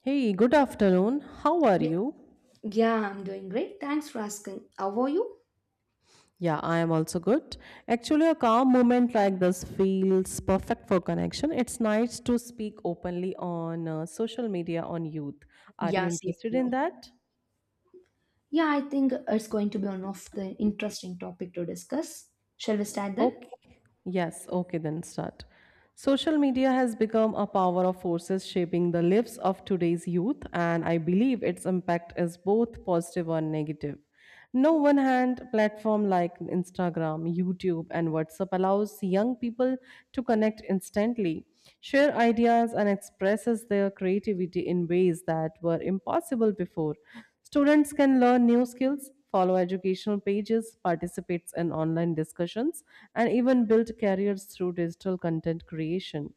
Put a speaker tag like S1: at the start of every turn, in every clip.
S1: Hey, good afternoon. How are
S2: Ye-
S1: you?
S2: Yeah, I'm doing great. Thanks for asking. How are you?
S1: Yeah, I am also good. Actually, a calm moment like this feels perfect for connection. It's nice to speak openly on social media on youth. Are you
S2: Yeah, same
S1: interested
S2: here.
S1: in that?
S2: Yeah, I think it's going to be one of the interesting topic to discuss. Shall we start then?
S1: Okay. Yes. Okay, then start. Social media has become a power of forces shaping the lives of today's youth, and I believe its impact is both positive and negative. No one hand, platform like Instagram, YouTube, and WhatsApp allows young people to connect instantly, share ideas, and expresses their creativity in ways that were impossible before. Students can learn new skills, follow educational pages, participate in online discussions, and even build careers through digital content creation.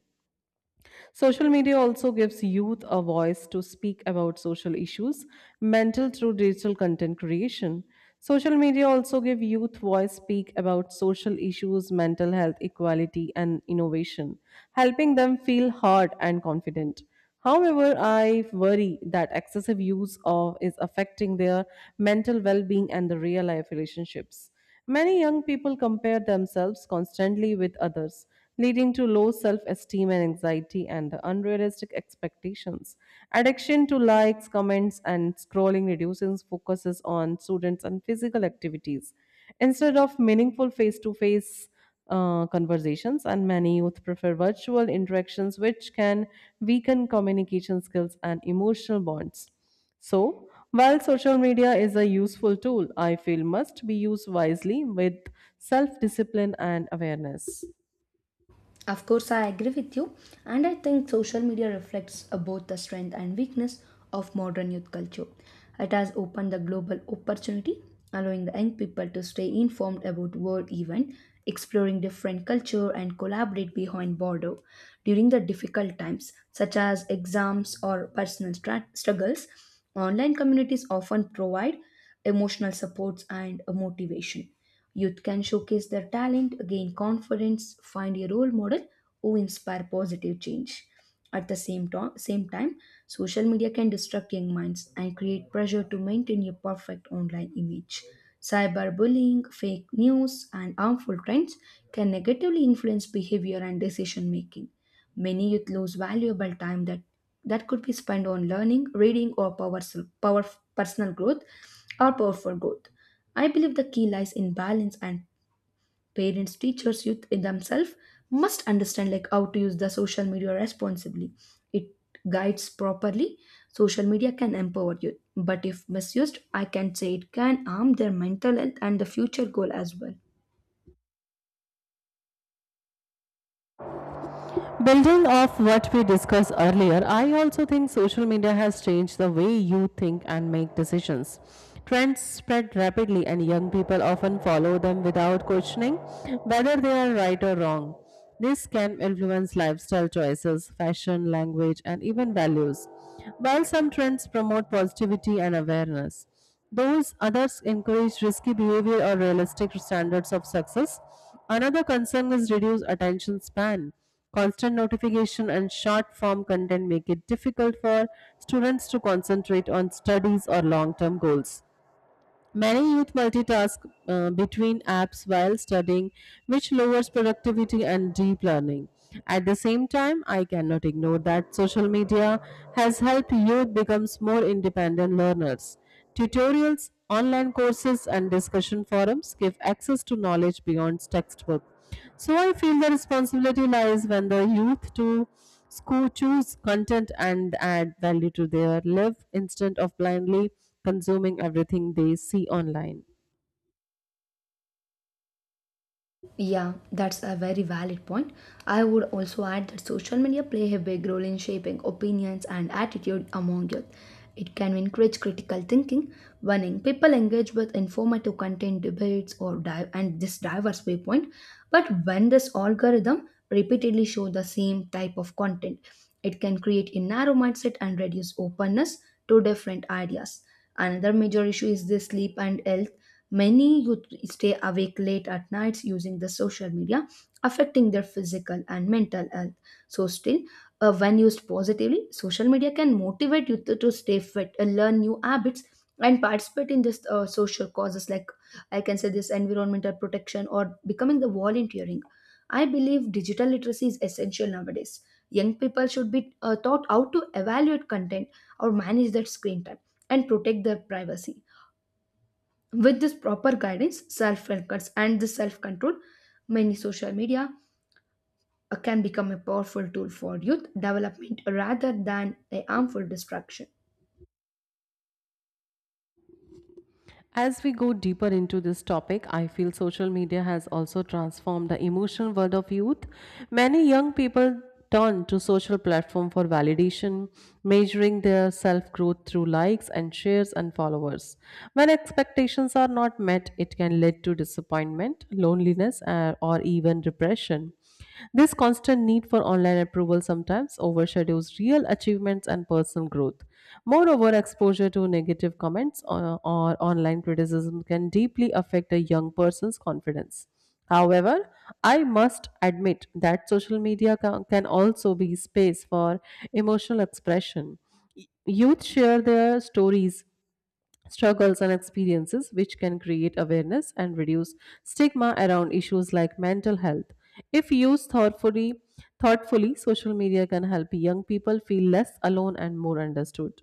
S1: Social media also gives youth a voice to speak about social issues, mental through digital content creation. Social media also give youth voice speak about social issues, mental health, equality, and innovation, helping them feel heard and confident. However, I worry that excessive use of is affecting their mental well-being and the real life relationships. Many young people compare themselves constantly with others, leading to low self-esteem and anxiety and the unrealistic expectations. Addiction to likes, comments and scrolling reduces focuses on students and physical activities instead of meaningful face-to-face conversations, and many youth prefer virtual interactions, which can weaken communication skills and emotional bonds. So, while social media is a useful tool, I feel must be used wisely with self discipline and awareness.
S2: Of course, I agree with you, and I think social media reflects both the strength and weakness of modern youth culture. It has opened the global opportunity, allowing the young people to stay informed about world events, exploring different culture, and collaborate behind border during the difficult times, such as exams or personal struggles. Online communities often provide emotional supports and motivation. Youth can showcase their talent, gain confidence, find a role model who inspire positive change. At the same time, social media can distract young minds and create pressure to maintain a perfect online image. Cyberbullying, fake news, and harmful trends can negatively influence behavior and decision making. Many youth lose valuable time that could be spent on learning, reading, or power, personal growth or powerful growth. I believe the key lies in balance and parents, teachers, youth themselves must understand like how to use the social media responsibly. It guides properly. Social media can empower youth, but if misused, I can say it can harm their mental health and the future goal as well.
S1: Building off what we discussed earlier, I also think social media has changed the way you think and make decisions. Trends spread rapidly, and young people often follow them without questioning whether they are right or wrong. This can influence lifestyle choices, fashion, language, and even values, while some trends promote positivity and awareness. Those others encourage risky behavior or realistic standards of success. Another concern is reduced attention span. Constant notification and short form content make it difficult for students to concentrate on studies or long term goals. Many youth multitask between apps while studying, which lowers productivity and deep learning. At the same time, I cannot ignore that social media has helped youth become more independent learners. Tutorials, online courses, and discussion forums give access to knowledge beyond textbook. So I feel the responsibility lies when the youth to school choose content and add value to their life instead of blindly consuming everything they see online.
S2: Yeah, that's a very valid point. I would also add that social media play a big role in shaping opinions and attitude among youth. It can encourage critical thinking when people engage with informative content, debates, or and this diverse viewpoint. But when this algorithm repeatedly show the same type of content, it can create a narrow mindset and reduce openness to different ideas. Another major issue is the sleep and health. Many youth stay awake late at nights using the social media, affecting their physical and mental health. So, still, when used positively, social media can motivate youth to stay fit, learn new habits, and participate in just social causes like I can say this environmental protection or becoming the volunteering. I believe digital literacy is essential nowadays. Young people should be taught how to evaluate content or manage their screen time and protect their privacy. With this proper guidance, self focus, and the self control, many social media can become a powerful tool for youth development rather than a harmful distraction.
S1: As we go deeper into this topic, I feel social media has also transformed the emotional world of youth. Many young people turn to social platform for validation, measuring their self-growth through likes and shares and followers. When expectations are not met, it can lead to disappointment, loneliness, or even depression. This constant need for online approval sometimes overshadows real achievements and personal growth. Moreover, exposure to negative comments or online criticism can deeply affect a young person's confidence. However, I must admit that social media can also be space for emotional expression. Youth share their stories, struggles and experiences, which can create awareness and reduce stigma around issues like mental health. If used thoughtfully, social media can help young people feel less alone and more understood.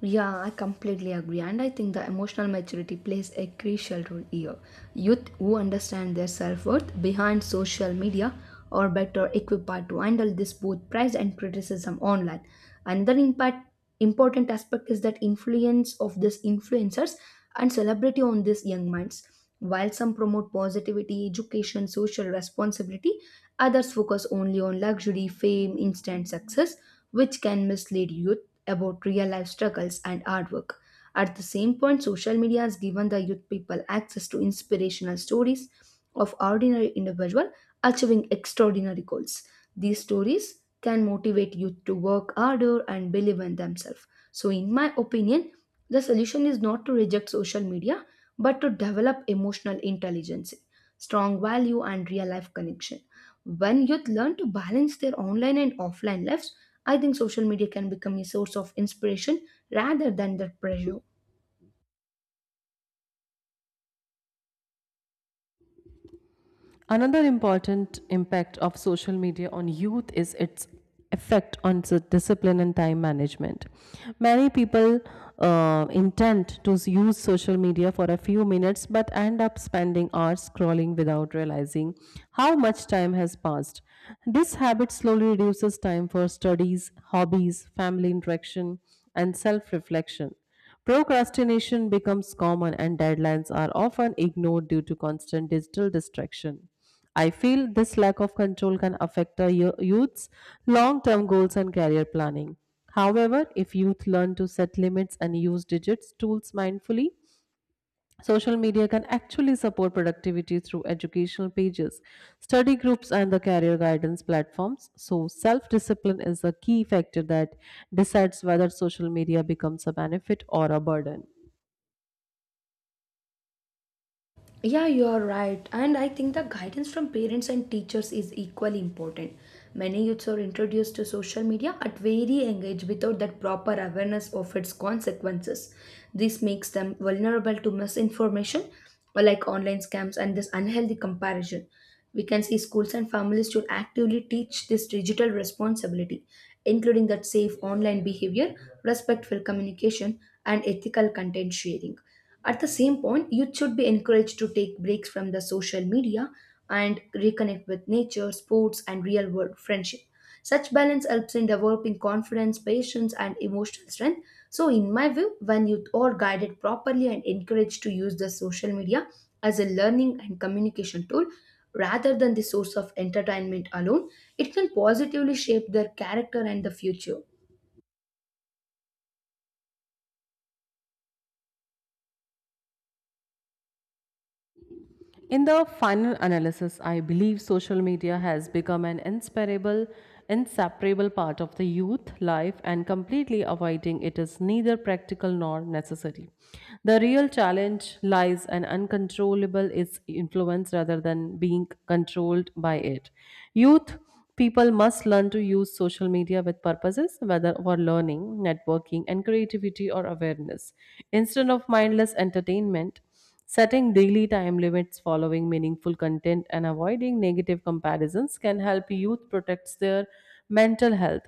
S2: Yeah, I completely agree. And I think the emotional maturity plays a crucial role here. Youth who understand their self worth behind social media are better equipped to handle this both praise and criticism online. Another impact, Important aspect is that influence of these influencers and celebrity on these young minds. While some promote positivity, education, social responsibility, others focus only on luxury, fame, instant success, which can mislead youth about real life struggles and artwork. At the same point, social media has given the youth people access to inspirational stories of ordinary individuals achieving extraordinary goals. These stories can motivate youth to work harder and believe in themselves. So, in my opinion, the solution is not to reject social media but to develop emotional intelligence, strong value, and real life connection. When youth learn to balance their online and offline lives, I think social media can become a source of inspiration rather than the pressure.
S1: Another important impact of social media on youth is its effect on discipline and time management. Many people intend to use social media for a few minutes but end up spending hours scrolling without realizing how much time has passed. This habit slowly reduces time for studies, hobbies, family interaction, and self reflection. Procrastination becomes common and deadlines are often ignored due to constant digital distraction. I feel this lack of control can affect a youth's long term goals and career planning. However, if youth learn to set limits and use digits tools mindfully, social media can actually support productivity through educational pages, study groups, and the career guidance platforms. So, self discipline is the key factor that decides whether social media becomes a benefit or a burden.
S2: Yeah, you are right. And I think the guidance from parents and teachers is equally important. Many youths are introduced to social media at very young age without that proper awareness of its consequences. This makes them vulnerable to misinformation or like online scams and this unhealthy comparison. We can see schools and families should actively teach this digital responsibility, including that safe online behavior, respectful communication, and ethical content sharing. At the same point, youth should be encouraged to take breaks from the social media and reconnect with nature, sports, and real world friendship. Such balance helps in developing confidence, patience, and emotional strength. So, in my view, when youth are guided properly and encouraged to use the social media as a learning and communication tool rather than the source of entertainment alone, it can positively shape their character and the future.
S1: In the final analysis, I believe social media has become an inseparable part of the youth life and completely avoiding it is neither practical nor necessary. The real challenge lies in uncontrollable its influence rather than being controlled by it. Youth people must learn to use social media with purposes, whether for learning, networking, and creativity or awareness, instead of mindless entertainment. Setting daily time limits, following meaningful content, and avoiding negative comparisons can help youth protect their mental health.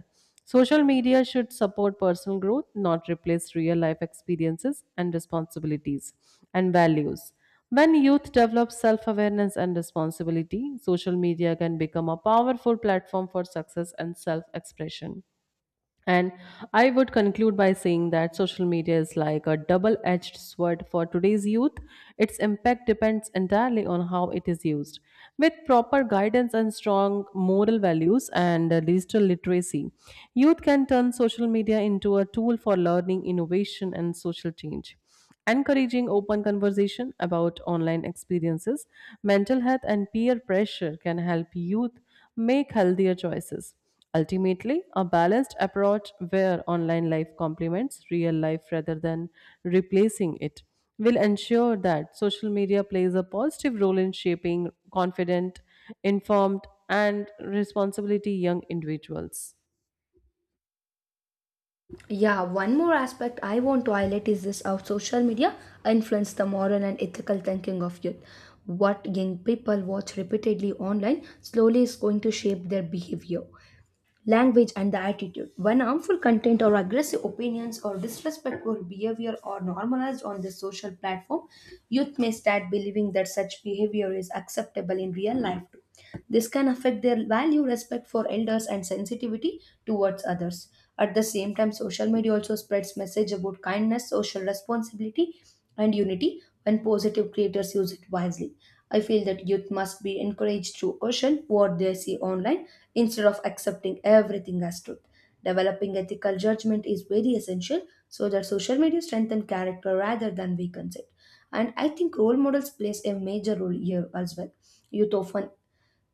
S1: Social media should support personal growth, not replace real life experiences and responsibilities and values. When youth develop self awareness and responsibility, social media can become a powerful platform for success and self expression. And I would conclude by saying that social media is like a double edged sword for today's youth. Its impact depends entirely on how it is used. With proper guidance and strong moral values and digital literacy, youth can turn social media into a tool for learning, innovation, and social change. Encouraging open conversation about online experiences, mental health, and peer pressure can help youth make healthier choices. Ultimately, a balanced approach where online life complements real life rather than replacing it will ensure that social media plays a positive role in shaping confident, informed, and responsibility young individuals.
S2: Yeah, one more aspect I want to highlight is this how social media influence the moral and ethical thinking of youth. What young people watch repeatedly online slowly is going to shape their behavior language and the attitude. When harmful content or aggressive opinions or disrespectful behavior are normalized on the social platform, youth may start believing that such behavior is acceptable in real life too. This can affect their value, respect for elders, and sensitivity towards others. At the same time, social media also spreads message about kindness, social responsibility, and unity when positive creators use it wisely. I feel that youth must be encouraged to caution what they see online instead of accepting everything as truth. Developing ethical judgment is very essential so that social media strengthens character rather than weakens it. And I think role models plays a major role here as well. Youth often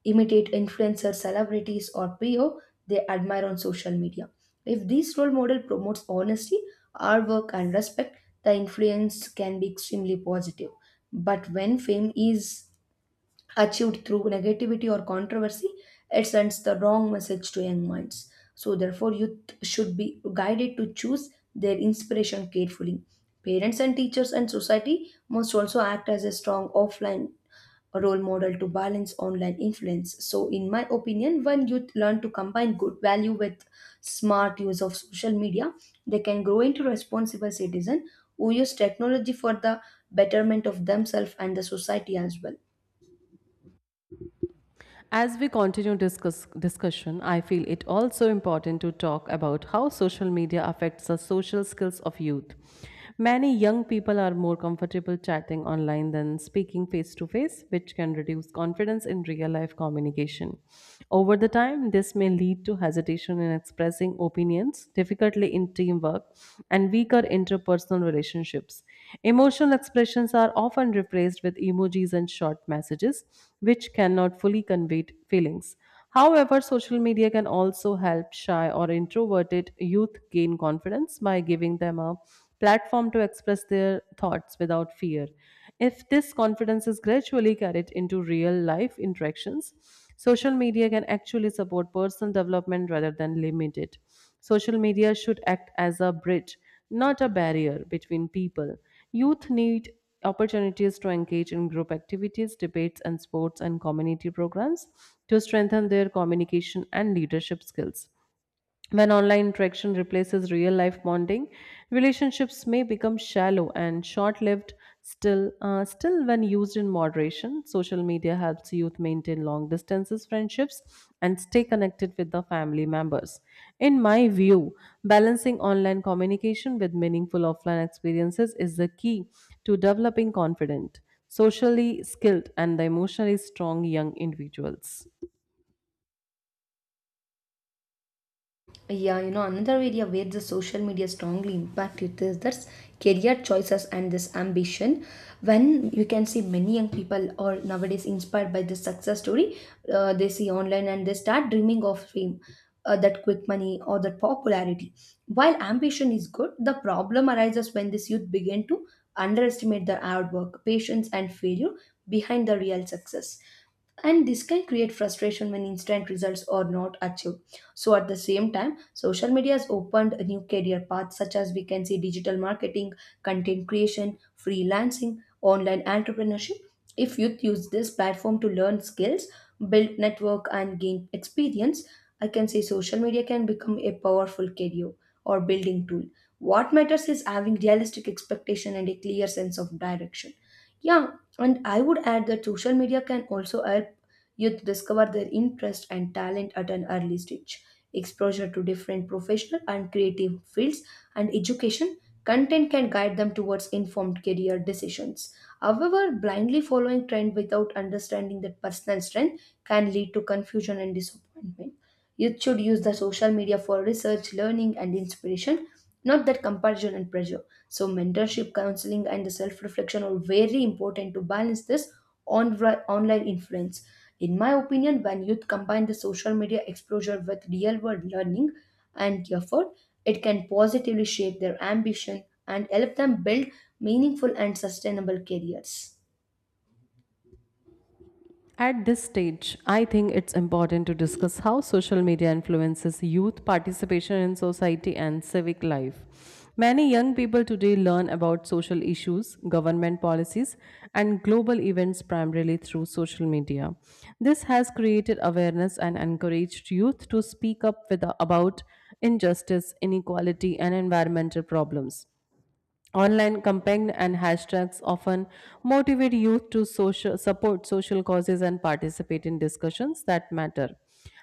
S2: imitate influencers, celebrities, or people they admire on social media. If this role model promotes honesty, hard work, and respect, the influence can be extremely positive. But when fame is achieved through negativity or controversy, it sends the wrong message to young minds. So, therefore, youth should be guided to choose their inspiration carefully. Parents and teachers and society must also act as a strong offline role model to balance online influence. So, in my opinion, when youth learn to combine good value with smart use of social media, they can grow into responsible citizens who use technology for the betterment of themselves and the society as well.
S1: As we continue discussion, I feel it also important to talk about how social media affects the social skills of youth. Many young people are more comfortable chatting online than speaking face to face, which can reduce confidence in real life communication. Over the time, this may lead to hesitation in expressing opinions, difficulty in teamwork, and weaker interpersonal relationships. Emotional expressions are often replaced with emojis and short messages, which cannot fully convey feelings. However, social media can also help shy or introverted youth gain confidence by giving them a platform to express their thoughts without fear. If this confidence is gradually carried into real life interactions, social media can actually support personal development rather than limit it. Social media should act as a bridge, not a barrier between people. Youth need opportunities to engage in group activities, debates, and sports and community programs to strengthen their communication and leadership skills. When online interaction replaces real life bonding, relationships may become shallow and short lived. Still, when used in moderation, social media helps youth maintain long distances friendships and stay connected with the family members. In my view, balancing online communication with meaningful offline experiences is the key to developing confident, socially skilled, and the emotionally strong young individuals.
S2: Yeah, you know, another area where the social media strongly impacted this that's career choices and this ambition. When you can see many young people are nowadays inspired by this success story, they see online and they start dreaming of fame, that quick money or that popularity. While ambition is good, the problem arises when this youth begin to underestimate the hard work, patience, and failure behind the real success, and this can create frustration when instant results are not achieved. So at the same time, social media has opened a new career paths such as we can see digital marketing, content creation, freelancing, online entrepreneurship. If youth use this platform to learn skills, build network and gain experience, I can say social media can become a powerful career or building tool. What matters is having realistic expectation and a clear sense of direction. Yeah, and I would add that social media can also help youth discover their interest and talent at an early stage. Exposure to different professional and creative fields and education content can guide them towards informed career decisions. However, blindly following trend without understanding that personal strength can lead to confusion and disappointment. Youth should use the social media for research, learning, and inspiration, not that comparison and pressure. So, mentorship, counseling, and the self reflection are very important to balance this on online influence. In my opinion, when youth combine the social media exposure with real world learning and effort, it can positively shape their ambition and help them build meaningful and sustainable careers.
S1: At this stage, I think it's important to discuss how social media influences youth participation in society and civic life. Many young people today learn about social issues, government policies, and global events primarily through social media. This has created awareness and encouraged youth to speak up with, about injustice, inequality, and environmental problems. Online campaigns and hashtags often motivate youth to social, support social causes and participate in discussions that matter.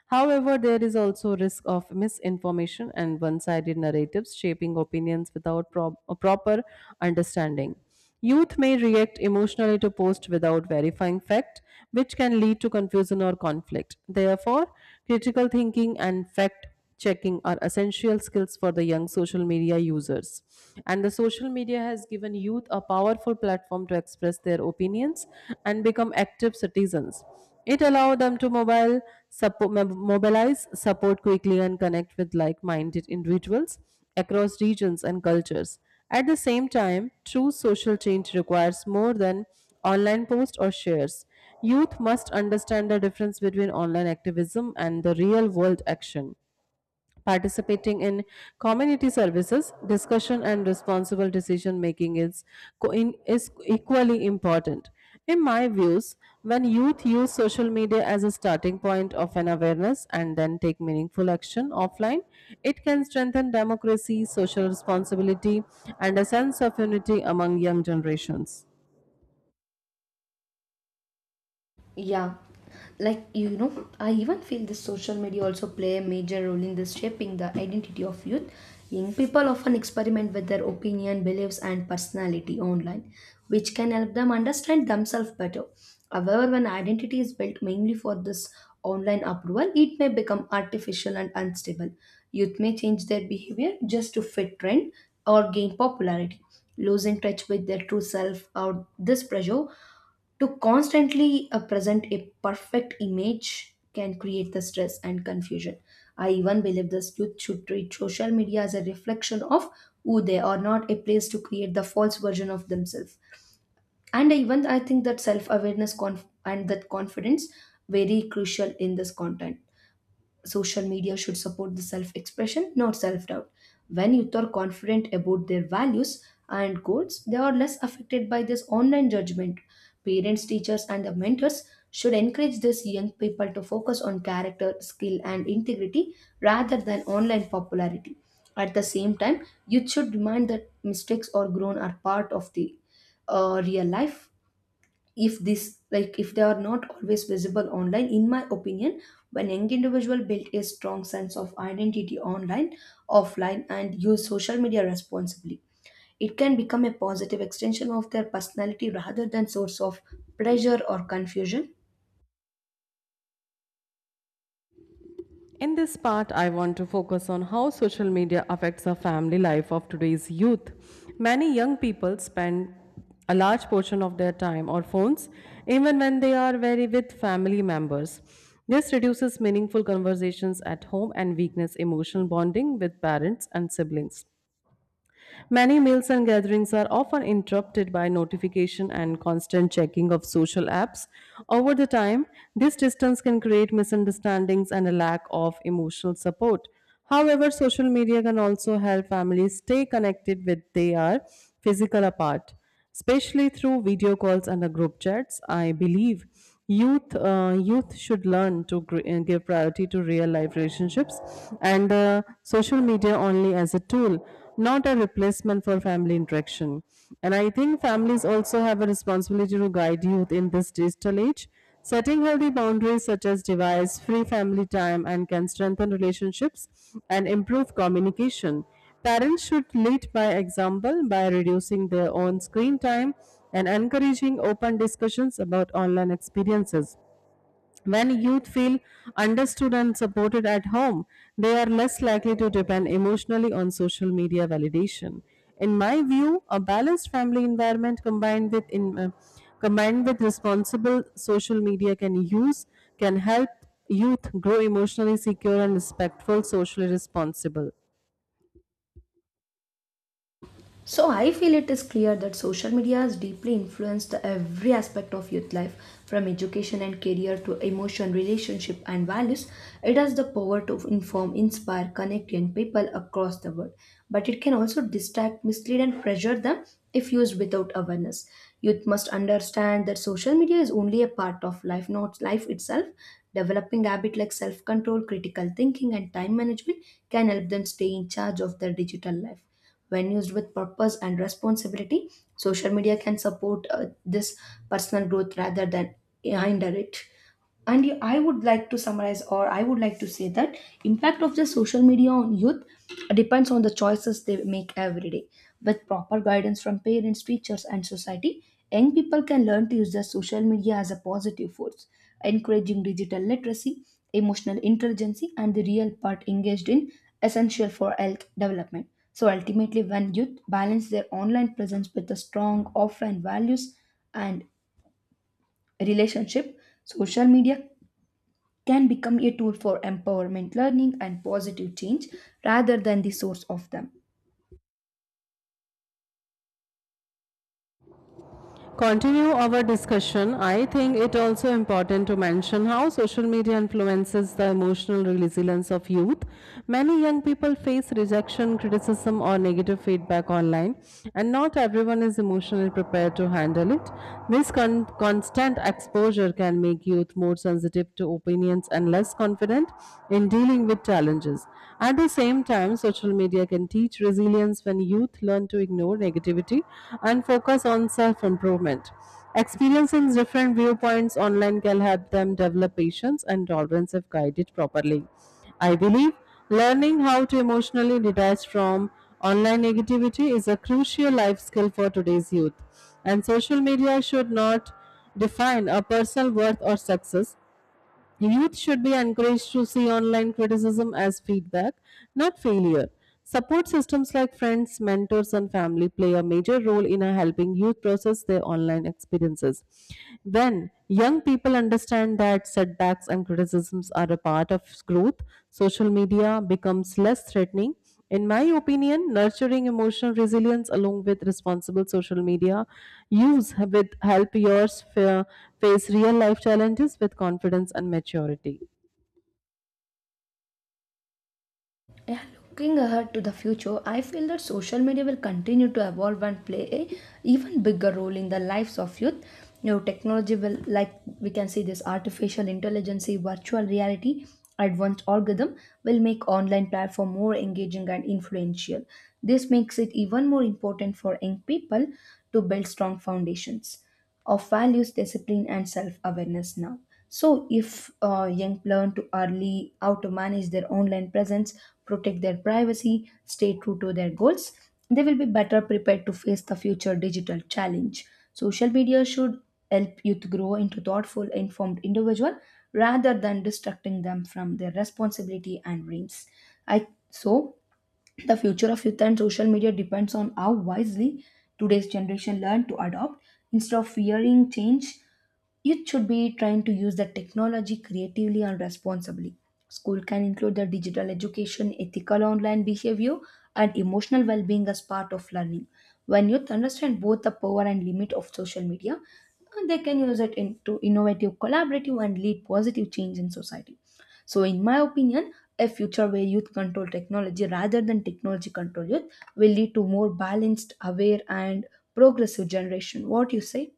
S1: However, there is also risk of misinformation and one-sided narratives shaping opinions without a proper understanding. Youth may react emotionally to posts without verifying fact, which can lead to confusion or conflict. Therefore, critical thinking and fact checking are essential skills for the young social media users. And the social media has given youth a powerful platform to express their opinions and become active citizens. It allows them to mobilize, support quickly, and connect with like minded individuals across regions and cultures. At the same time, true social change requires more than online posts or shares. Youth must understand the difference between online activism and the real world action, participating in community services discussion and responsible decision making is is equally important in my views. When youth use social media as a starting point of an awareness and then take meaningful action offline, it can strengthen democracy, social responsibility and a sense of unity among young generations.
S2: Yeah, like you know, I even feel this social media also play a major role in this shaping the identity of youth. Young people often experiment with their opinion, beliefs, and personality online, which can help them understand themselves better. However, when identity is built mainly for this online approval, it may become artificial and unstable. Youth may change their behavior just to fit trend or gain popularity, losing touch with their true self or this pressure to constantly present a perfect image can create the stress and confusion. I even believe this youth should treat social media as a reflection of who they are, not a place to create the false version of themselves. And even I think that self awareness and that confidence very crucial in this content. Social media should support the self expression, not self doubt. When youth are confident about their values and goals, they are less affected by this online judgment. Parents, teachers, and the mentors should encourage these young people to focus on character, skill, and integrity rather than online popularity. At the same time, youth should remind that mistakes or grown are part of the real life if this like if they are not always visible online. In my opinion, when young individual build a strong sense of identity online offline and use social media responsibly, it can become a positive extension of their personality rather than source of pressure or confusion.
S1: In this part, I want to focus on how social media affects the family life of today's youth. Many young people spend a large portion of their time on phones, even when they are very with family members. This reduces meaningful conversations at home and weakens emotional bonding with parents and siblings. Many meals and gatherings are often interrupted by notification and constant checking of social apps. Over the time, this distance can create misunderstandings and a lack of emotional support. However, social media can also help families stay connected when they are physical apart, especially through video calls and the group chats. I believe youth should learn to give priority to real life relationships and social media only as a tool, not a replacement for family interaction. And I think families also have a responsibility to guide youth in this digital age. Setting healthy boundaries such as device free family time and can strengthen relationships and improve communication. Parents should lead by example by reducing their own screen time and encouraging open discussions about online experiences. When youth feel understood and supported at home, they are less likely to depend emotionally on social media validation. In my view, a balanced family environment combined with responsible social media can use can help youth grow emotionally secure and respectful, socially responsible.
S2: So I feel it is clear that social media has deeply influenced the every aspect of youth life, from education and career to emotion, relationship and values. It has the power to inform, inspire, connect young people across the world, but it can also distract, mislead and pressure them if used without awareness. Youth must understand that social media is only a part of life, not life itself. Developing habits like self-control, critical thinking and time management can help them stay in charge of their digital life. When used with purpose and responsibility, social media can support this personal growth rather than hinder it. I would like to summarize, or I would like to say that impact of the social media on youth depends on the choices they make every day. With proper guidance from parents, teachers, and society, young people can learn to use the social media as a positive force, encouraging digital literacy, emotional intelligence, and the real part engaged in essential for health development. So ultimately, when youth balance their online presence with a strong offline values and relationship, social media can become a tool for empowerment, learning, and positive change rather than the source of them.
S1: Continue our discussion. I think it also important to mention how social media influences the emotional resilience of youth. Many young people face rejection, criticism, or negative feedback online, and not everyone is emotionally prepared to handle it. This constant exposure can make youth more sensitive to opinions and less confident in dealing with challenges. At the same time, social media can teach resilience when youth learn to ignore negativity and focus on self improvement. Experiencing different viewpoints online can help them develop patience and tolerance if guided properly. I believe learning how to emotionally detach from online negativity is a crucial life skill for today's youth, and social media should not define a personal worth or success. Youth should be encouraged to see online criticism as feedback, not failure. Support systems like friends, mentors, and family play a major role in helping youth process their online experiences. When young people understand that setbacks and criticisms are a part of growth, social media becomes less threatening. In my opinion, nurturing emotional resilience along with responsible social media use with help face real life challenges with confidence and maturity.
S2: Yeah, looking ahead to the future, I feel that social media will continue to evolve and play a even bigger role in the lives of youth. You know, technology will, like we can see, this artificial intelligence, virtual reality, advanced algorithm will make online platform more engaging and influential. This makes it even more important for young people to build strong foundations of values, discipline, and self awareness now. So, if young learn to early how to manage their online presence, protect their privacy, stay true to their goals, they will be better prepared to face the future digital challenge. Social media should help youth grow into thoughtful, informed individual rather than distracting them from their responsibility and dreams. I so the future of youth and social media depends on how wisely today's generation learn to adopt. Instead of fearing change, youth should be trying to use the technology creatively and responsibly. School can include the digital education, ethical online behavior, and emotional well being as part of learning. When youth understand both the power and limit of social media, they can use it into innovative, collaborative, and lead positive change in society. So, in my opinion, a future where youth control technology rather than technology control youth will lead to more balanced, aware, and progressive generation. What you say?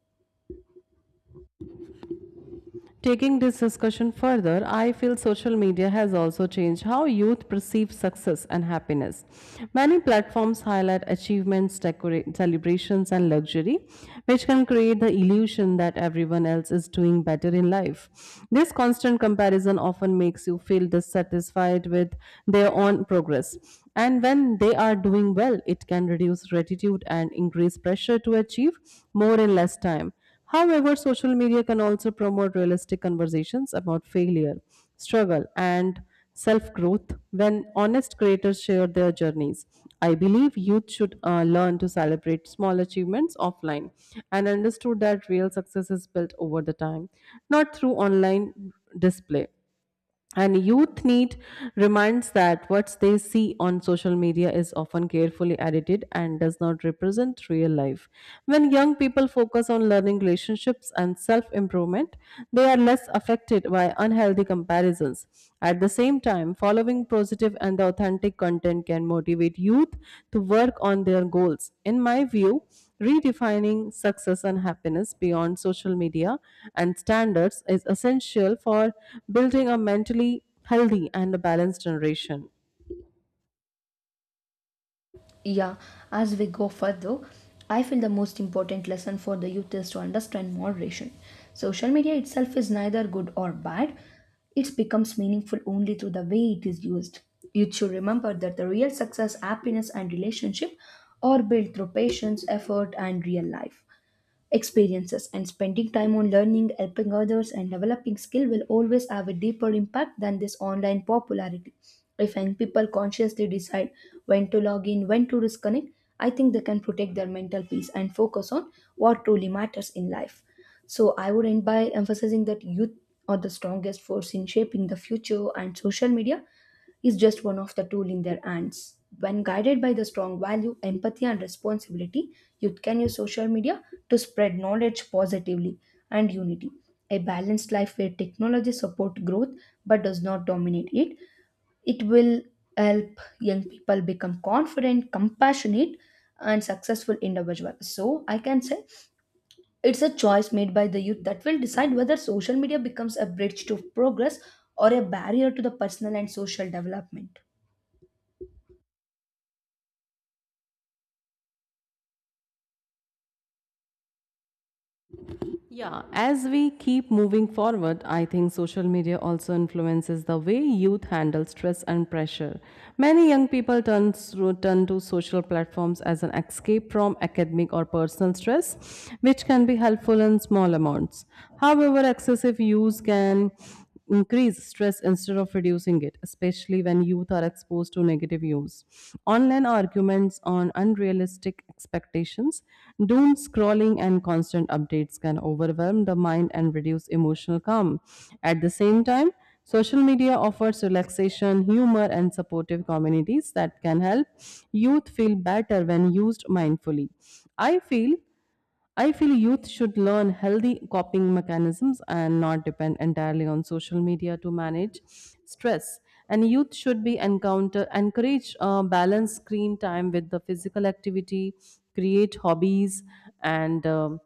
S1: Taking this discussion further, I feel social media has also changed how youth perceive success and happiness. Many platforms highlight achievements, celebrations, and luxury, which can create the illusion that everyone else is doing better in life. This constant comparison often makes you feel dissatisfied with their own progress. And when they are doing well, it can reduce gratitude and increase pressure to achieve more in less time. However, social media can also promote realistic conversations about failure, struggle, and self growth when honest creators share their journeys. I believe youth should learn to celebrate small achievements offline and understood that real success is built over the time, not through online display. And youth need reminds that what they see on social media is often carefully edited and does not represent real life. When young people focus on learning relationships and self improvement, they are less affected by unhealthy comparisons. At the same time, following positive and authentic content can motivate youth to work on their goals. In my view, redefining success and happiness beyond social media and standards is essential for building a mentally healthy and a balanced generation.
S2: Yeah, as we go further, I feel the most important lesson for the youth is to understand moderation. Social media itself is neither good or bad, it becomes meaningful only through the way it is used. Youth should remember that the real success, happiness, and relationship are built through patience, effort, and real life experiences, and spending time on learning, helping others and developing skill will always have a deeper impact than this online popularity. If young people consciously decide when to log in, when to disconnect, I think they can protect their mental peace and focus on what truly matters in life. So I would end by emphasizing that youth are the strongest force in shaping the future, and social media is just one of the tool in their hands. When guided by the strong value, empathy, and responsibility, youth can use social media to spread knowledge positively and unity. A balanced life where technology supports growth but does not dominate it. It will help young people become confident, compassionate, and successful individual. So I can say it's a choice made by the youth that will decide whether social media becomes a bridge to progress or a barrier to the personal and social development.
S1: Yeah, as we keep moving forward, I think social media also influences the way youth handle stress and pressure. Many young people turn to social platforms as an escape from academic or personal stress, which can be helpful in small amounts. However, excessive use can increase stress instead of reducing it, especially when youth are exposed to negative news. Online arguments on unrealistic expectations, doom scrolling, and constant updates can overwhelm the mind and reduce emotional calm. At the same time, social media offers relaxation, humor, and supportive communities that can help youth feel better when used mindfully. I feel I feel youth should learn healthy coping mechanisms and not depend entirely on social media to manage stress. And youth should be encounter encourage balanced screen time with the physical activity, create hobbies, and um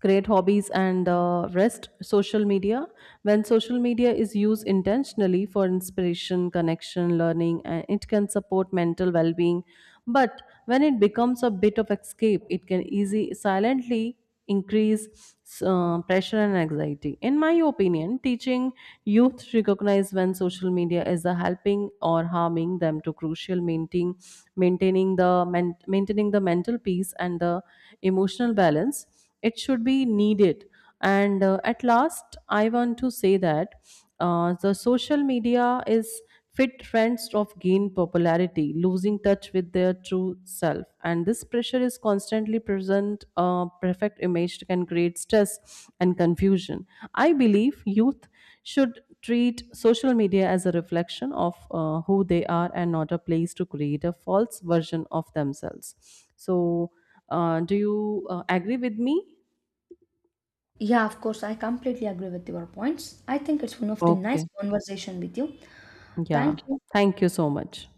S1: create hobbies and rest social media. When social media is used intentionally for inspiration connection learning and it can support mental well-being, but when it becomes a bit of escape it can easy silently increase pressure and anxiety. In my opinion, teaching youth to recognize when social media is a helping or harming them to crucial maintaining the mental peace and the emotional balance, it should be needed. And at last I want to say that the social media is fit trends of gain popularity losing touch with their true self, and this pressure is constantly present. Perfect image can create stress and confusion. I believe youth should treat social media as a reflection of who they are and not a place to create a false version of themselves. So do you agree with me?
S2: Yeah, of course, I completely agree with your points. I think it's one of the nice
S1: Okay.
S2: conversation with you.
S1: Yeah.
S2: Thank you.
S1: Thank you so much.